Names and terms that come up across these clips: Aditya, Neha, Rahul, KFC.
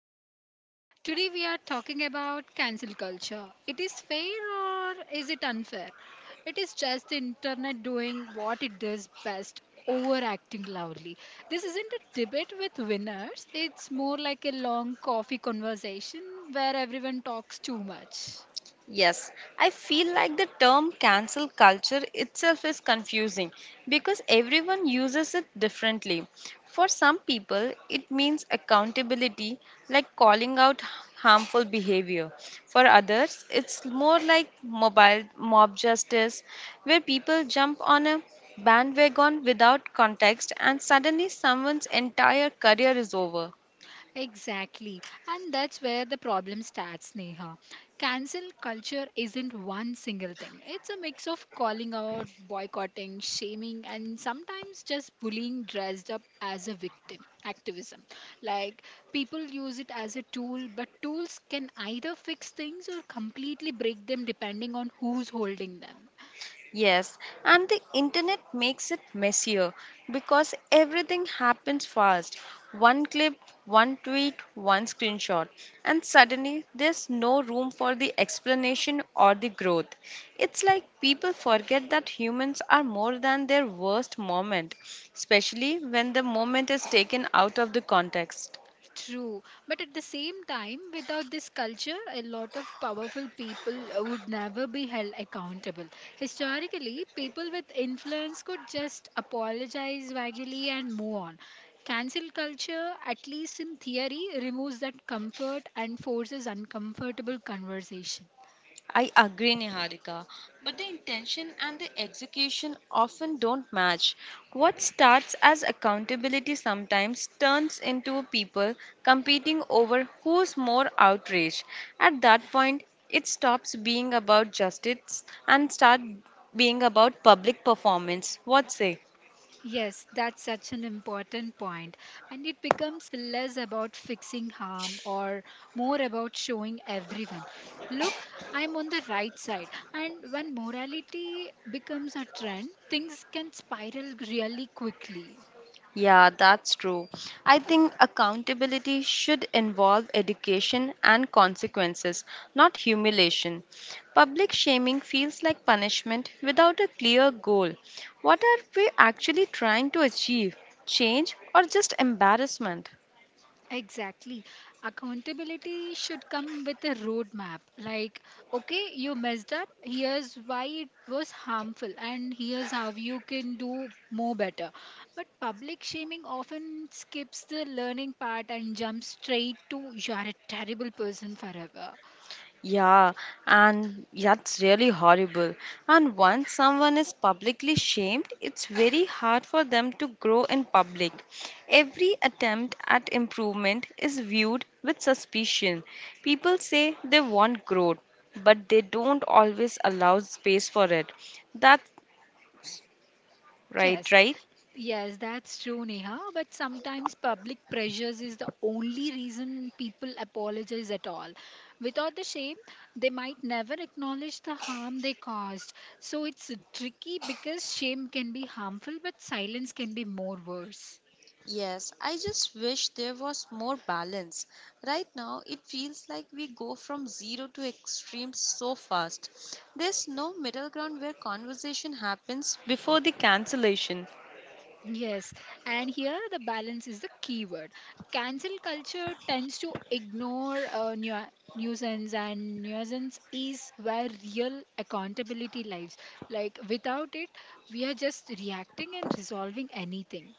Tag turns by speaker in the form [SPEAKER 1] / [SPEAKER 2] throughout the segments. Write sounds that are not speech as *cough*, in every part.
[SPEAKER 1] protection. Today we are talking about cancel culture. It is fair or is it unfair? It is just the internet doing what it does best, overacting loudly. This isn't a debate with winners. It's more like a long coffee conversation where everyone talks too much.
[SPEAKER 2] Yes, I feel like the term cancel culture itself is confusing because everyone uses it differently. For some people, it means accountability, like calling out harmful behavior. For others, it's more like mobile mob justice, where people jump on a bandwagon without context and suddenly someone's entire career is over.
[SPEAKER 1] Exactly. And that's where the problem starts, Neha. Cancel culture isn't one single thing, it's a mix of calling out, boycotting, shaming, and sometimes just bullying dressed up as a victim activism. Like people use it as a tool, but tools can either fix things or completely break them depending on who's holding them.
[SPEAKER 2] Yes, and the internet makes it messier because everything happens fast. One clip, one tweet, one screenshot, and suddenly there's no room for the explanation or the growth. It's like people forget that humans are more than their worst moment, especially when the moment is taken out of the context.
[SPEAKER 1] True, but at the same time, without this culture, a lot of powerful people would never be held accountable. Historically, people with influence could just apologize vaguely and move on. Cancel culture, at least in theory, removes that comfort and forces uncomfortable conversation.
[SPEAKER 2] I agree, Niharika, but the intention and the execution often don't match. What starts as accountability sometimes turns into people competing over who's more outraged. At that point, it stops being about justice and start being about public performance. What say?
[SPEAKER 1] Yes, that's such an important point. And it becomes less about fixing harm or more about showing everyone, look, I'm on the right side. And when morality becomes a trend, things can spiral really quickly.
[SPEAKER 2] Yeah, that's true. I think accountability should involve education and consequences, not humiliation. Public shaming feels like punishment without a clear goal. What are we actually trying to achieve? Change or just embarrassment?
[SPEAKER 1] Exactly. Accountability should come with a roadmap. Like, okay, you messed up. Here's why it was harmful, and here's how you can do more better. But public shaming often skips the learning part and jumps straight to you're a terrible person forever.
[SPEAKER 2] Yeah, and that's really horrible. And once someone is publicly shamed, it's very hard for them to grow in public. Every attempt at improvement is viewed with suspicion. People say they want growth, but they don't always allow space for it. That's right,
[SPEAKER 1] Yes,
[SPEAKER 2] right?
[SPEAKER 1] yes, that's true, Neha. But sometimes public pressures is the only reason people apologize at all. Without the shame, they might never acknowledge the harm they caused. So it's tricky because shame can be harmful, but silence can be more worse.
[SPEAKER 2] Yes, I just wish there was more balance. Right now, it feels like we go from zero to extreme so fast. There's no middle ground where conversation happens before the cancellation.
[SPEAKER 1] Yes, and here the balance is the key word. Cancel culture tends to ignore nuisance, and nuisance is where real accountability lies. Like without it, we are just reacting and resolving anything.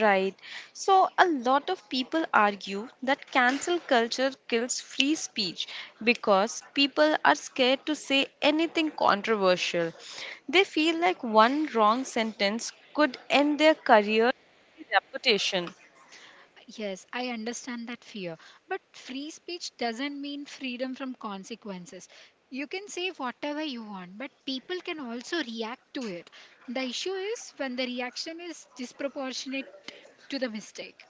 [SPEAKER 2] Right. So, a lot of people argue that cancel culture kills free speech because people are scared to say anything controversial. They feel like one wrong sentence could end their career reputation.
[SPEAKER 1] Yes, I understand that fear, but free speech doesn't mean freedom from consequences. You can say whatever you want, but people can also react to it. The issue is when the reaction is disproportionate to the mistake.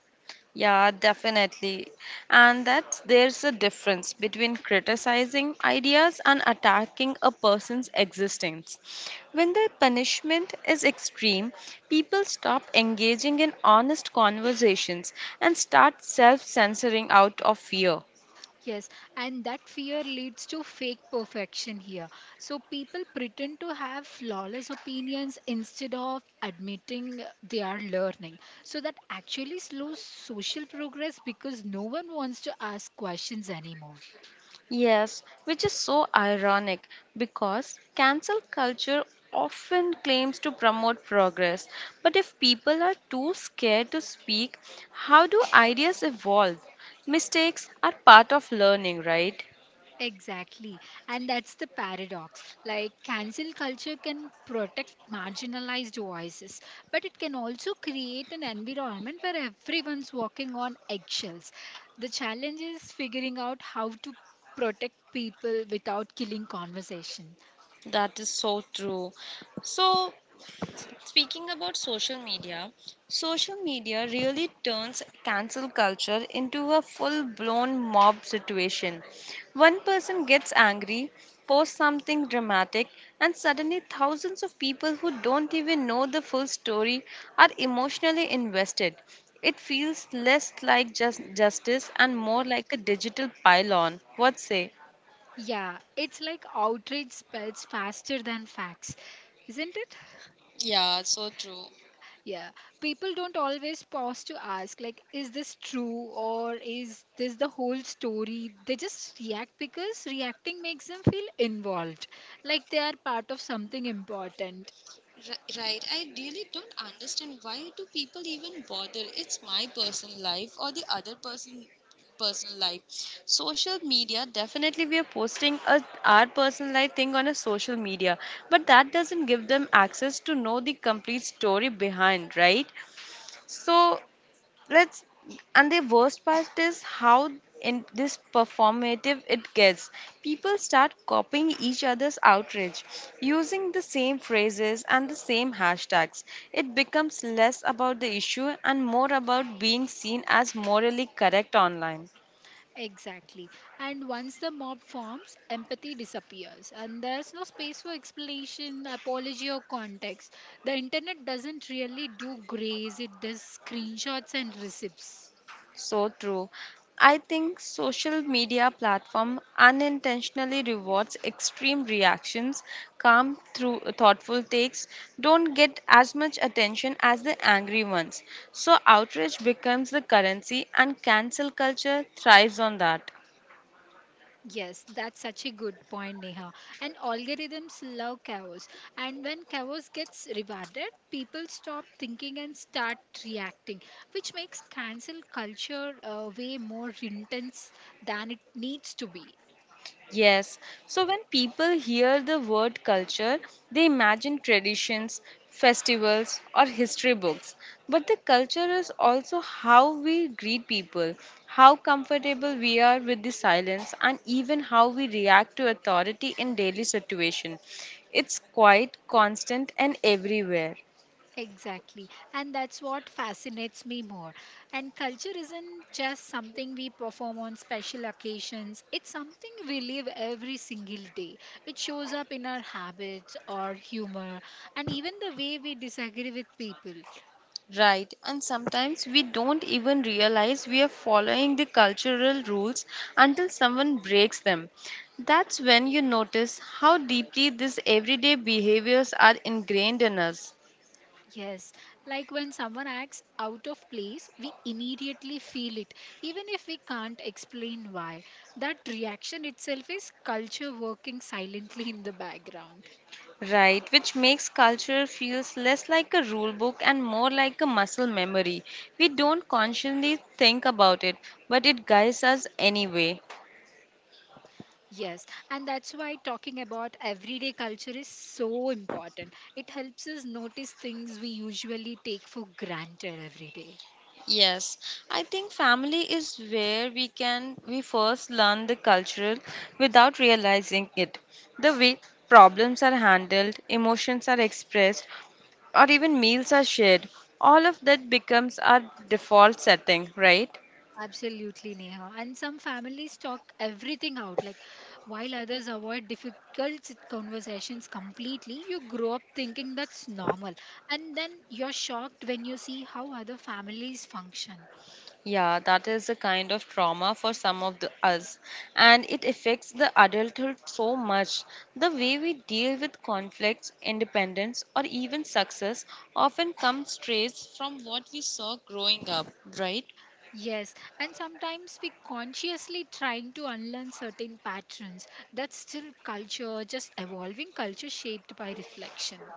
[SPEAKER 2] Yeah, definitely. And that there's a difference between criticizing ideas and attacking a person's existence. When the punishment is extreme, people stop engaging in honest conversations and start self censoring out of fear.
[SPEAKER 1] Yes, and that fear leads to fake perfection here. So people pretend to have flawless opinions instead of admitting they are learning. So that actually slows social progress because no one wants to ask questions anymore.
[SPEAKER 2] Yes, which is so ironic because cancel culture often claims to promote progress. But if people are too scared to speak, how do ideas evolve? Mistakes are part of learning, right?
[SPEAKER 1] Exactly. And that's the paradox. Like, cancel culture can protect marginalized voices, but it can also create an environment where everyone's walking on eggshells. The challenge is figuring out how to protect people without killing conversation.
[SPEAKER 2] That is so true. So, speaking about social media really turns cancel culture into a full blown mob situation. One person gets angry, posts something dramatic, and suddenly thousands of people who don't even know the full story are emotionally invested. It feels less like just justice and more like a digital pylon. What say?
[SPEAKER 1] Yeah, it's like outrage spreads faster than facts, isn't it?
[SPEAKER 2] Yeah, so true.
[SPEAKER 1] Yeah, people don't always pause to ask, like, is this true or is this the whole story? They just react because reacting makes them feel involved, like they are part of something important.
[SPEAKER 2] Right, I really don't understand why do people even bother? It's my personal life or the other person personal life. Social media, definitely we are posting a, our personal life thing on a social media, but that doesn't give them access to know the complete story behind, right? So let's and the worst part is how in this performative it gets, people start copying each other's outrage using the same phrases and the same hashtags. It becomes less about the issue and more about being seen as morally correct online.
[SPEAKER 1] Exactly. And once the mob forms, empathy disappears, and there's no space for explanation, apology, or context. The internet doesn't really do grace, it does screenshots and receipts.
[SPEAKER 2] So true. I think social media platform unintentionally rewards extreme reactions, calm through thoughtful takes don't get as much attention as the angry ones. So outrage becomes the currency and cancel culture thrives on that.
[SPEAKER 1] Yes, that's such a good point, Neha. And algorithms love chaos. And when chaos gets rewarded, people stop thinking and start reacting, which makes cancel culture way more intense than it needs to be.
[SPEAKER 2] Yes. So when people hear the word culture, they imagine traditions, festivals, or history books. But the culture is also how we greet people, how comfortable we are with the silence, and even how we react to authority in daily situation. It's quite constant and everywhere.
[SPEAKER 1] Exactly. And that's what fascinates me more. And culture isn't just something we perform on special occasions, it's something we live every single day. It shows up in our habits, our humor, and even the way we disagree with people.
[SPEAKER 2] Right, and sometimes we don't even realize we are following the cultural rules until someone breaks them. That's when you notice how deeply these everyday behaviors are ingrained in us.
[SPEAKER 1] Yes, like when someone acts out of place, we immediately feel it, even if we can't explain why. That reaction itself is culture working silently in the background.
[SPEAKER 2] Right, which makes culture feels less like a rule book and more like a muscle memory. We don't consciously think about it, but it guides us anyway.
[SPEAKER 1] Yes, and that's why talking about everyday culture is so important. It helps us notice things we usually take for granted every day.
[SPEAKER 2] Yes, I think family is where we first learn the cultural without realizing it. The way problems are handled, emotions are expressed, or even meals are shared, all of that becomes our default setting, right?
[SPEAKER 1] Absolutely, Neha. And some families talk everything out, like while others avoid difficult conversations completely, you grow up thinking that's normal. And then you're shocked when you see how other families function.
[SPEAKER 2] Yeah, that is a kind of trauma for some of the us, and it affects the adulthood so much. The way we deal with conflicts, independence, or even success often comes straight from what we saw growing up, right?
[SPEAKER 1] Yes, and sometimes we consciously trying to unlearn certain patterns. That's still culture, just evolving culture shaped by reflection.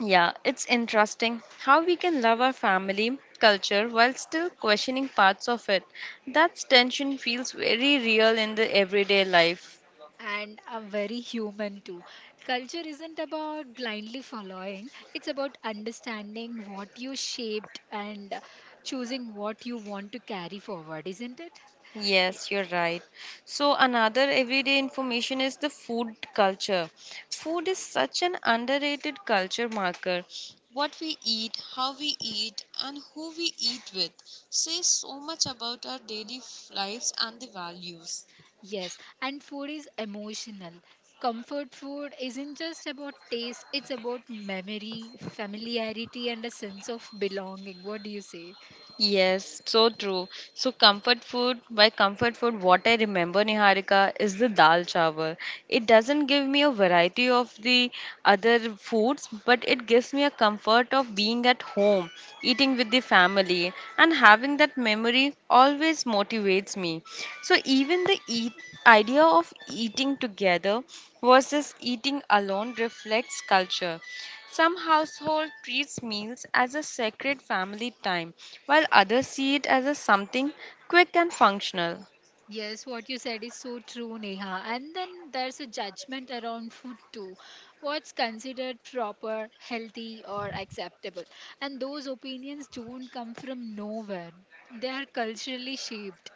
[SPEAKER 2] Yeah, it's interesting how we can love our family culture while still questioning parts of it. That tension feels very real in the everyday life.
[SPEAKER 1] And are very human too. Culture isn't about blindly following, it's about understanding what you shaped and choosing what you want to carry forward, isn't it?
[SPEAKER 2] Yes, you're right. So, another everyday information is the food culture. Food is such an underrated culture marker. What we eat, how we eat, and who we eat with says so much about our daily lives and the values.
[SPEAKER 1] Yes, and food is emotional. Comfort food isn't just about taste, it's about memory, familiarity, and a sense of belonging. What do you say?
[SPEAKER 2] Yes, so true. So comfort food, by comfort food, what I remember, Niharika, is the dal chawal. It doesn't give me a variety of the other foods, but it gives me a comfort of being at home, eating with the family, and having that memory always motivates me. So even the eat idea of eating together versus eating alone reflects culture. Some households treats meals as a sacred family time, while others see it as a something quick and functional.
[SPEAKER 1] Yes, what you said is so true, Neha. And then there's a judgment around food too. What's considered proper, healthy, or acceptable? And those opinions don't come from nowhere, they are culturally shaped.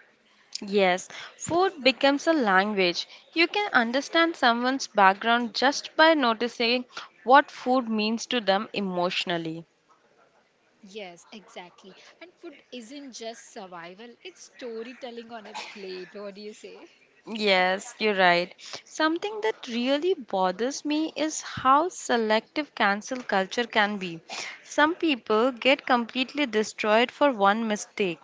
[SPEAKER 2] Yes, food becomes a language. You can understand someone's background just by noticing what food means to them emotionally.
[SPEAKER 1] Yes, exactly. And food isn't just survival, it's storytelling on a plate. What do you say?
[SPEAKER 2] Yes, you're right. Something that really bothers me is how selective cancel culture can be. Some people get completely destroyed for one mistake,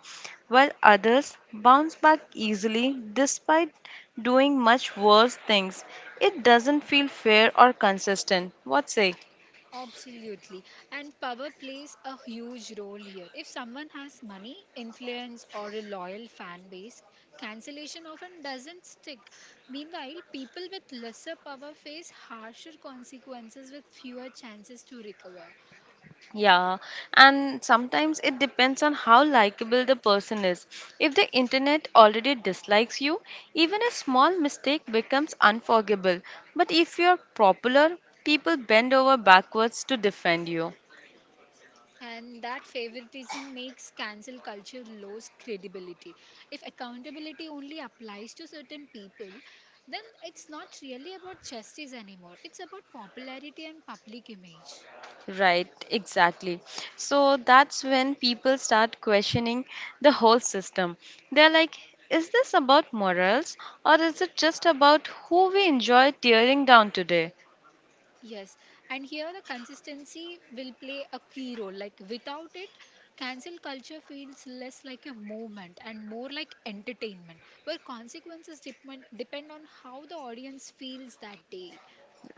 [SPEAKER 2] while others bounce back easily despite doing much worse things. It doesn't feel fair or consistent. What say?
[SPEAKER 1] Absolutely. And power plays a huge role here. If someone has money, influence, or a loyal fan base, cancellation often doesn't stick. Meanwhile, people with lesser power face harsher consequences with fewer chances to recover.
[SPEAKER 2] Yeah, and sometimes it depends on how likable the person is. If the internet already dislikes you, even a small mistake becomes unforgivable. But if you're popular, people bend over backwards to defend you.
[SPEAKER 1] And that favoritism makes cancel culture lose credibility. If accountability only applies to certain people, then it's not really about justice anymore. It's about popularity and public image.
[SPEAKER 2] Right, exactly. So that's when people start questioning the whole system. They're like, is this about morals or is it just about who we enjoy tearing down today?
[SPEAKER 1] Yes, and here the consistency will play a key role. Like without it, cancel culture feels less like a movement and more like entertainment, where consequences depend on how the audience feels that day.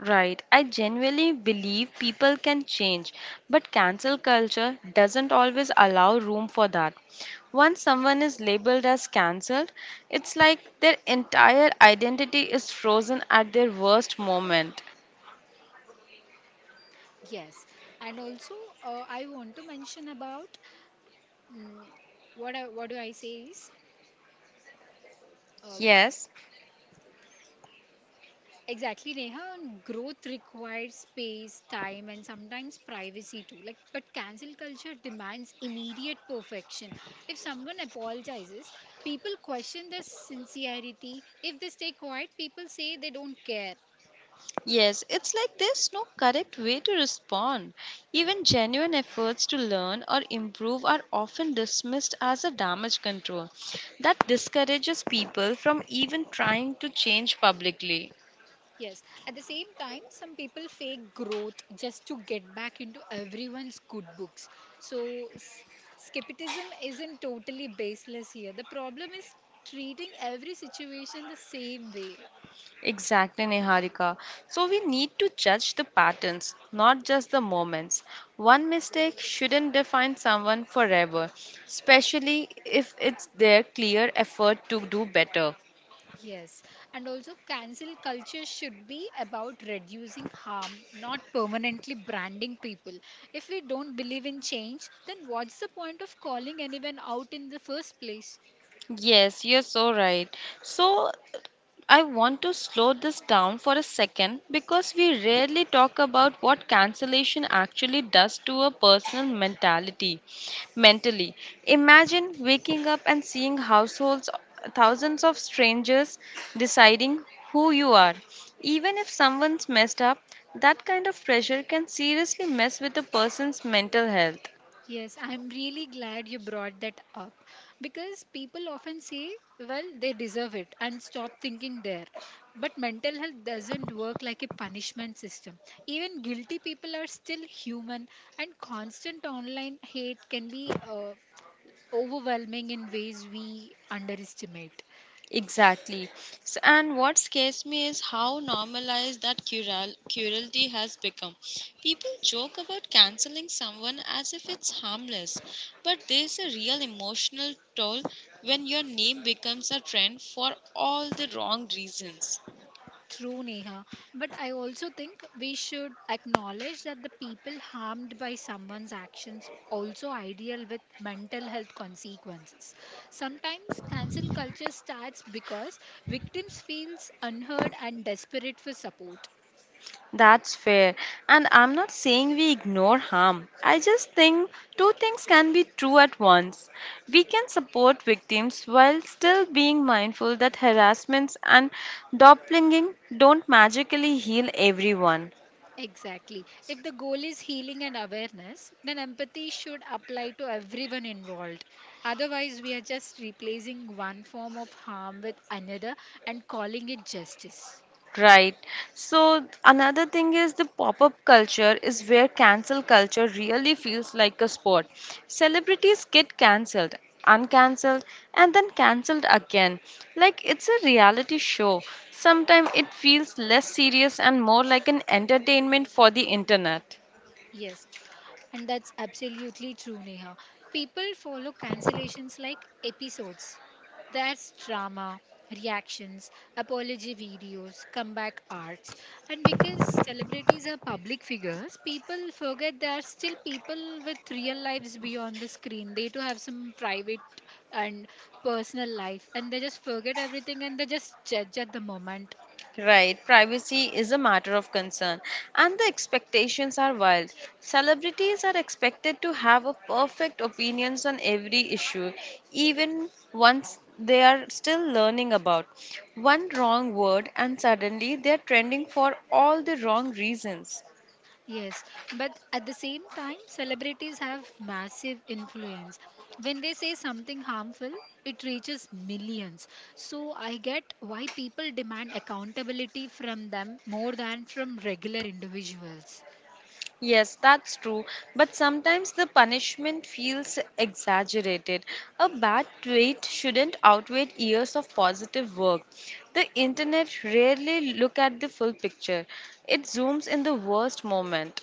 [SPEAKER 2] Right. I genuinely believe people can change, but cancel culture doesn't always allow room for that. Once someone is labeled as cancelled, it's like their entire identity is frozen at their worst moment.
[SPEAKER 1] Yes, and also I want to mention about mm what I, what do I say is uh,
[SPEAKER 2] Yes,
[SPEAKER 1] exactly Neha. And Growth requires space, time, and sometimes privacy too. Like, but cancel culture demands immediate perfection. If someone apologizes, people question their sincerity. If they stay quiet, people say they don't care.
[SPEAKER 2] yes, it's like there's no correct way to respond. Even genuine efforts to learn or improve are often dismissed as a damage control that discourages people from even trying to change publicly.
[SPEAKER 1] Yes, at the same time, some people fake growth just to get back into everyone's good books. So, skepticism isn't totally baseless here. The problem is treating every situation the same way.
[SPEAKER 2] Exactly, Niharika. So we need to judge the patterns, not just the moments. One mistake shouldn't define someone forever, especially if it's their clear effort to do better.
[SPEAKER 1] Yes, and also cancel culture should be about reducing harm, not permanently branding people. If we don't believe in change, then what's the point of calling anyone out in the first place?
[SPEAKER 2] Yes, you're so right. So I want to slow this down for a second because we rarely talk about what cancellation actually does to a personal mentality. Mentally, imagine waking up and seeing households, thousands of strangers deciding who you are. Even if someone's messed up, that kind of pressure can seriously mess with a person's mental health.
[SPEAKER 1] Yes, I'm really glad you brought that up because people often say, well, they deserve it and stop thinking there. But mental health doesn't work like a punishment system. Even guilty people are still human, and constant online hate can be overwhelming in ways we underestimate.
[SPEAKER 2] Exactly. And what scares me is how normalized that cruelty has become. People joke about canceling someone as if it's harmless, but there's a real emotional toll when your name becomes a trend for all the wrong reasons.
[SPEAKER 1] True, Neha. But I also think we should acknowledge that the people harmed by someone's actions also ideal with mental health consequences. Sometimes cancel culture starts because victims feels unheard and desperate for support.
[SPEAKER 2] That's fair. And I'm not saying we ignore harm. I just think two things can be true at once. We can support victims while still being mindful that harassments and doppelganging don't magically heal everyone.
[SPEAKER 1] Exactly. If the goal is healing and awareness, then empathy should apply to everyone involved. Otherwise, we are just replacing one form of harm with another and calling it justice.
[SPEAKER 2] Right. So another thing is the pop-up culture is where cancel culture really feels like a sport. Celebrities get cancelled, uncancelled, and then cancelled again, like it's a reality show. Sometimes it feels less serious and more like an entertainment for the internet.
[SPEAKER 1] Yes, and that's absolutely true, Neha. People follow cancellations like episodes. There's drama, reactions, apology videos, comeback arcs. And because celebrities are public figures, people forget they are still people with real lives beyond the screen. They too have some private and personal life. And they just forget everything and they just judge at the moment.
[SPEAKER 2] Right, privacy is a matter of concern, and the expectations are wild. Celebrities are expected to have a perfect opinions on every issue, even once they are still learning about. One wrong word, and suddenly they are trending for all the wrong reasons.
[SPEAKER 1] Yes, but at the same time, celebrities have massive influence. When they say something harmful, it reaches millions. So I get why people demand accountability from them more than from regular individuals.
[SPEAKER 2] Yes, that's true. But sometimes the punishment feels exaggerated. A bad tweet shouldn't outweigh years of positive work. The internet rarely look at the full picture. It zooms in the worst moment.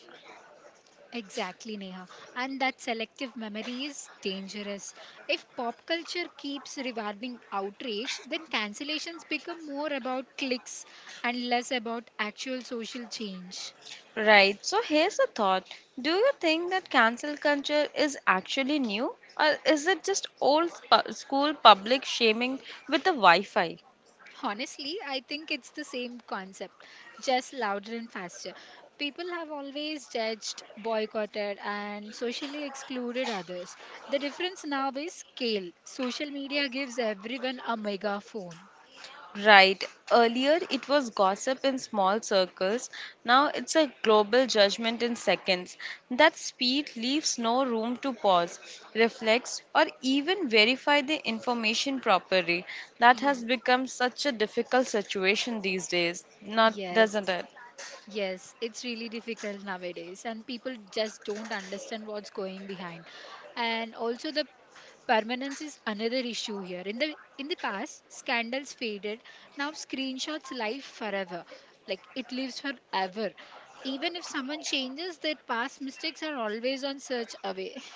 [SPEAKER 1] Exactly, Neha. And that selective memory is dangerous. If pop culture keeps rewarding outrage, then cancellations become more about clicks and less about actual social change.
[SPEAKER 2] Right. So here's a thought. Do you think that cancel culture is actually new, or is it just old school public shaming with the Wi-Fi?
[SPEAKER 1] Honestly, I think it's the same concept, just louder and faster. People have always judged, boycotted, and socially excluded others. The difference now is scale. Social media gives everyone a megaphone.
[SPEAKER 2] Right. Earlier, it was gossip in small circles. Now, it's a global judgment in seconds. That speed leaves no room to pause, reflect, or even verify the information properly. That
[SPEAKER 1] Ye-
[SPEAKER 2] has become such a difficult situation these days, not
[SPEAKER 1] Yes.
[SPEAKER 2] doesn't it?
[SPEAKER 1] Yes, it's really difficult nowadays, and people just don't understand what's going behind. And also, the permanence is another issue here. In the past, scandals faded. Now, screenshots live forever, like it lives forever. Even if someone changes, their past mistakes are always on search away. *laughs*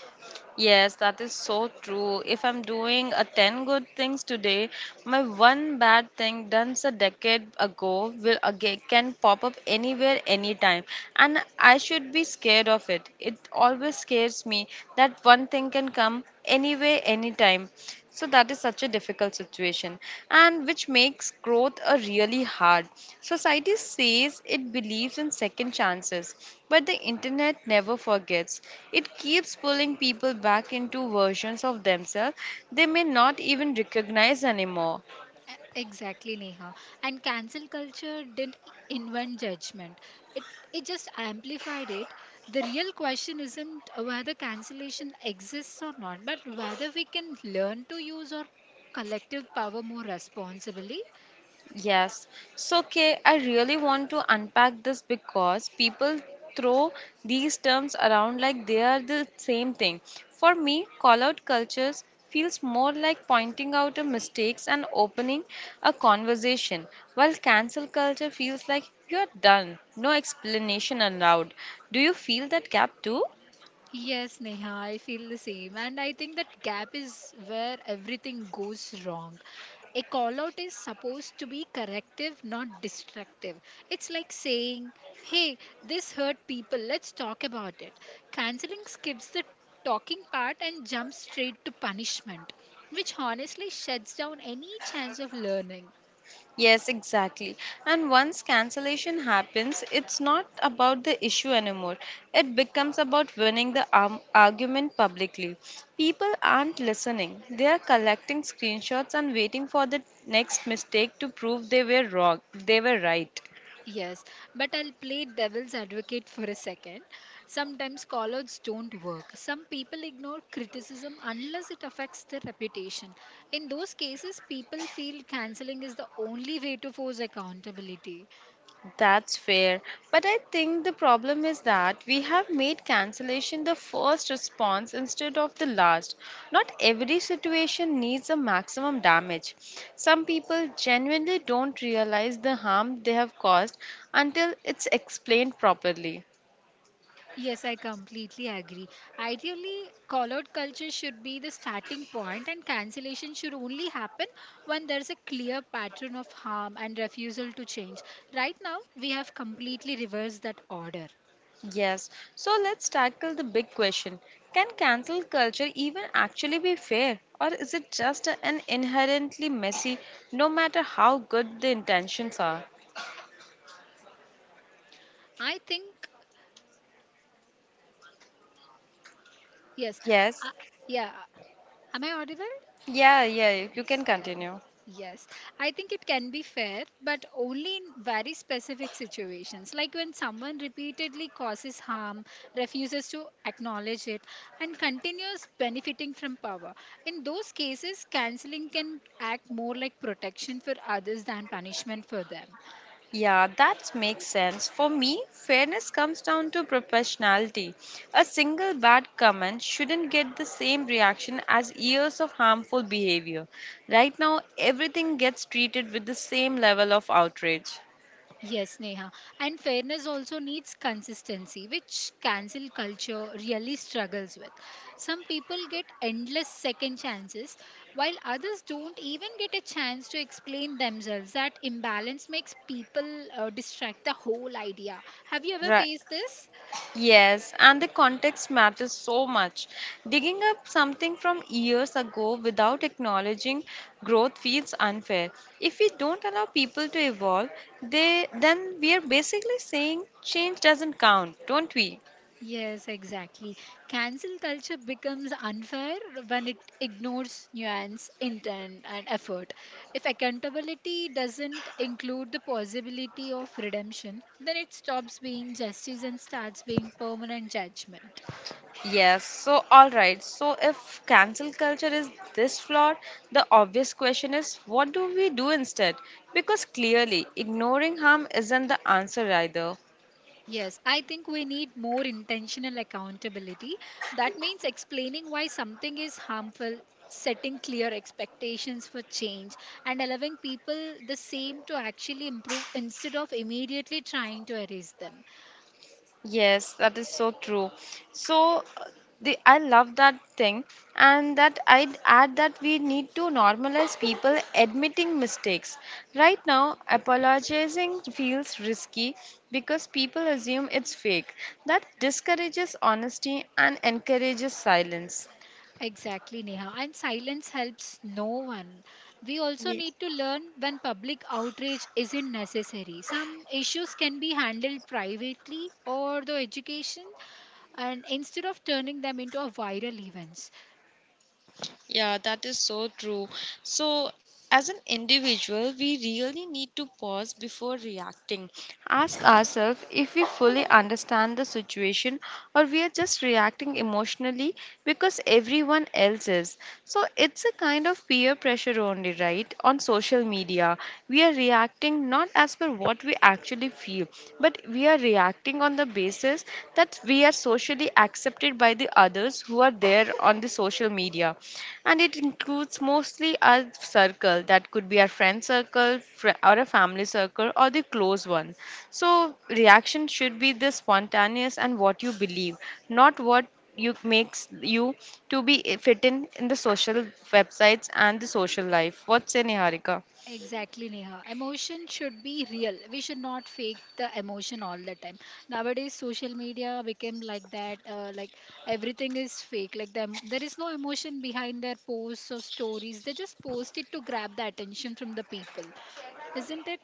[SPEAKER 2] Yes, that is so true. If I'm doing a 10 good things today, my one bad thing done a decade ago will again can pop up anywhere anytime, and I should be scared of it. It always scares me that one thing can come anywhere anytime. So that is such a difficult situation, and which makes growth a really hard. Society says it believes in second chances, but the internet never forgets. It keeps pulling people back into versions of themselves they may not even recognize anymore.
[SPEAKER 1] Exactly, Neha. And cancel culture didn't invent judgment. It it just amplified it. The real question isn't whether cancellation exists or not, but whether we can learn to use our collective power more responsibly.
[SPEAKER 2] Yes. So, Kay, I really want to unpack this because people throw these terms around like they are the same thing. For me, call out cultures feels more like pointing out a mistakes and opening a conversation, while cancel culture feels like you're done, no explanation allowed. Do you feel that gap too?
[SPEAKER 1] Yes, Neha, I feel the same. And I think that gap is where everything goes wrong. A call out is supposed to be corrective, not destructive. It's like saying, hey, this hurt people, let's talk about it. Canceling skips the talking part and jumps straight to punishment, which honestly shuts down any chance of learning.
[SPEAKER 2] Yes, exactly. And once cancellation happens, it's not about the issue anymore. It becomes about winning the arm argument publicly. People aren't listening, they are collecting screenshots and waiting for the next mistake to prove they were wrong. They were right.
[SPEAKER 1] Yes, but I'll play devil's advocate for a second. Sometimes callouts don't work. Some people ignore criticism unless it affects their reputation. In those cases, people feel cancelling is the only way to force accountability.
[SPEAKER 2] That's fair. But I think the problem is that we have made cancellation the first response instead of the last. Not every situation needs a maximum damage. Some people genuinely don't realize the harm they have caused until it's explained properly.
[SPEAKER 1] Yes, I completely agree. Ideally, callout culture should be the starting point, and cancellation should only happen when there's a clear pattern of harm and refusal to change. Right now, we have completely reversed that order.
[SPEAKER 2] Yes, so let's tackle the big question. Can cancel culture even actually be fair? Or is it just an inherently messy, no matter how good the intentions are?
[SPEAKER 1] I think yes.
[SPEAKER 2] Yes.
[SPEAKER 1] Uh, yeah. Am I audible?
[SPEAKER 2] Yeah, yeah, you can
[SPEAKER 1] Yes. Yeah.
[SPEAKER 2] continue.
[SPEAKER 1] Yes. I think it can be fair, but only in very specific situations, like when someone repeatedly causes harm, refuses to acknowledge it, and continues benefiting from power. In those cases, canceling can act more like protection for others than punishment for them.
[SPEAKER 2] Yeah, that makes sense. For me, fairness comes down to professionality. A single bad comment shouldn't get the same reaction as years of harmful behavior. Right now, everything gets treated with the same level of outrage.
[SPEAKER 1] Yes, Neha. And fairness also needs consistency, which cancel culture really struggles with. Some people get endless second chances, while others don't even get a chance to explain themselves. That imbalance makes people distract the whole idea. Have you ever
[SPEAKER 2] Right.
[SPEAKER 1] faced this?
[SPEAKER 2] Yes, and the context matters so much. Digging up something from years ago without acknowledging growth feels unfair. If we don't allow people to evolve, they then we are basically saying change doesn't count, don't we?
[SPEAKER 1] Yes, exactly. Cancel culture becomes unfair when it ignores nuance, intent, and effort. If accountability doesn't include the possibility of redemption, then it stops being justice and starts being permanent judgment.
[SPEAKER 2] Yes, so all right. So if cancel culture is this flawed, the obvious question is what do we do instead? Because clearly ignoring harm isn't the answer either.
[SPEAKER 1] Yes, I think we need more intentional accountability. That means explaining why something is harmful, setting clear expectations for change, and allowing people the same to actually improve instead of immediately trying to erase them.
[SPEAKER 2] Yes, that is so true. So the I love that thing and that I'd add that we need to normalize people admitting mistakes. Right now, apologizing feels risky because people assume it's fake. That discourages honesty and encourages silence.
[SPEAKER 1] Exactly, Neha. And silence helps no one. We also
[SPEAKER 2] Ye-
[SPEAKER 1] need to learn when public outrage isn't necessary. Some issues can be handled privately or through education, and instead of turning them into a viral events.
[SPEAKER 2] Yeah, that is so true. So, as an individual, we really need to pause before reacting. Ask ourselves if we fully understand the situation or we are just reacting emotionally because everyone else is. So, it's a kind of peer pressure only, right? On social media, we are reacting not as per what we actually feel, but we are reacting on the basis that we are socially accepted by the others who are there on the social media, and it includes mostly our circle that could be our friend circle or a family circle or the close one. So reaction should be the spontaneous and what you believe, not what you makes you to be fit in the social websites and the social life, what's in Niharika?
[SPEAKER 1] Exactly, Neha. Emotion should be real. We should not fake the emotion all the time. Nowadays, social media became like that. Like everything is fake. Like them, there is no emotion behind their posts or stories. They just post it to grab the attention from the people, isn't it?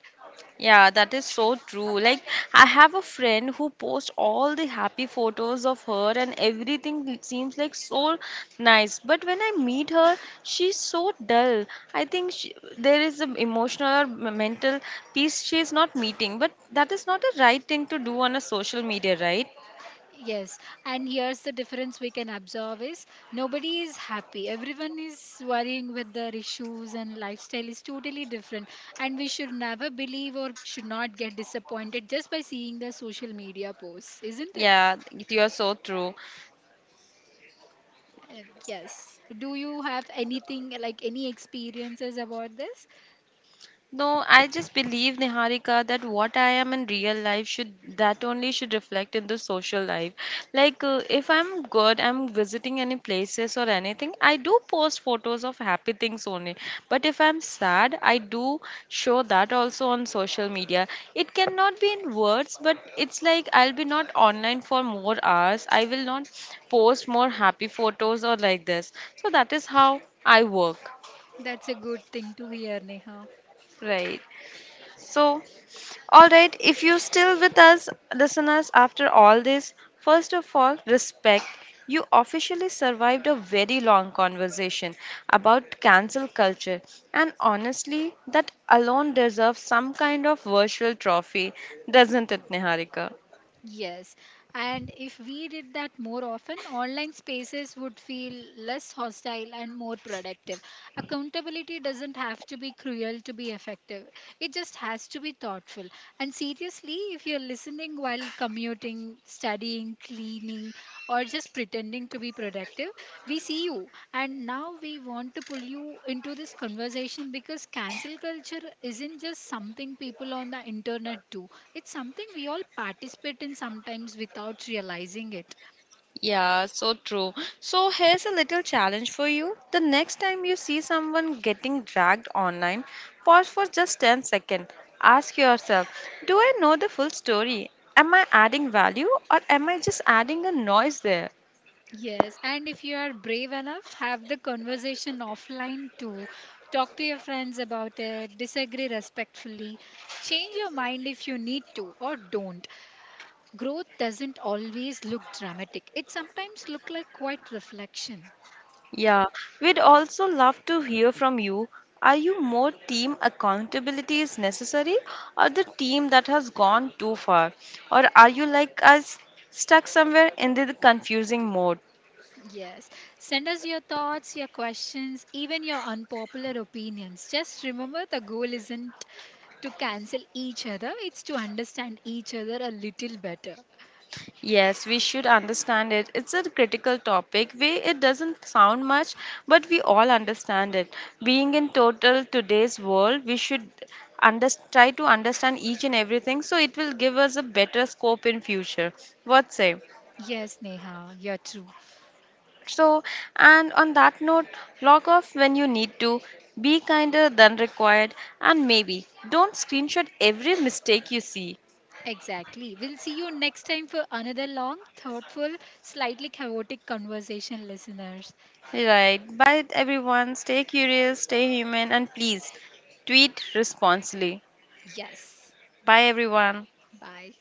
[SPEAKER 2] Yeah, that is so true. Like, I have a friend who posts all the happy photos of her, and everything seems like so nice. But when I meet her, she's so dull. I think she, there is an emotional or mental peace she is not meeting. But that is not a right thing to do on a social media, right?
[SPEAKER 1] Yes, and here's the difference we can observe is nobody is happy. Everyone is worrying with their issues and lifestyle is totally different. And we should never believe or should not get disappointed just by seeing the social media posts, isn't it?
[SPEAKER 2] Yeah, you're so true.
[SPEAKER 1] Yes. Do you have anything like any experiences about this?
[SPEAKER 2] No, I just believe, Niharika, that what I am in real life should that only should reflect in the social life. Like if I'm good, I'm visiting any places or anything, I do post photos of happy things only. But if I'm sad, I do show that also on social media. It cannot be in words, but it's like I'll be not online for more hours. I will not post more happy photos or like this. So that is how I work,
[SPEAKER 1] That's a good thing to hear, Neha.
[SPEAKER 2] right? So, all right, if you're still with us, listeners, after all this, first of all, respect. You officially survived a very long conversation about cancel culture, and honestly, that alone deserves some kind of virtual trophy, doesn't it, Niharika?
[SPEAKER 1] Yes, and if we did that more often, online spaces would feel less hostile and more productive. Accountability doesn't have to be cruel to be effective, it just has to be thoughtful. And seriously, if you're listening while commuting, studying, cleaning, or just pretending to be productive, we see you. And now we want to pull you into this conversation because cancel culture isn't just something people on the internet do, it's something we all participate in sometimes without realizing it.
[SPEAKER 2] Yeah, so true. So here's a little challenge for you. The next time you see someone getting dragged online, pause for just 10 seconds. Ask yourself, do I know the full story? Am I adding value or am I just adding a noise there?
[SPEAKER 1] Yes, and if you are brave enough, have the conversation offline too. Talk to your friends about it, disagree respectfully, change your mind if you need to or don't. Growth doesn't always look dramatic. It sometimes look like quiet reflection.
[SPEAKER 2] Yeah, we'd also love to hear from you. Are you more team accountability is necessary or the team that has gone too far? Or are you like us stuck somewhere in the confusing mode?
[SPEAKER 1] Yes. Send us your thoughts, your questions, even your unpopular opinions. Just remember the goal isn't to cancel each other, it's to understand each other a little better.
[SPEAKER 2] Yes, we should understand it. It's a critical topic. We it doesn't sound much, but we all understand it. Being in total today's world, we should under, try to understand each and everything so it will give us a better scope in future. What say?
[SPEAKER 1] Yes, Neha, you're true.
[SPEAKER 2] So, and on that note, log off when you need to, be kinder than required, and maybe don't screenshot every mistake you see.
[SPEAKER 1] Exactly. We'll see you next time for another long, thoughtful, slightly chaotic conversation, listeners.
[SPEAKER 2] Right. Bye, everyone. Stay curious, stay human, and please tweet responsibly.
[SPEAKER 1] Yes.
[SPEAKER 2] Bye, everyone.
[SPEAKER 1] Bye.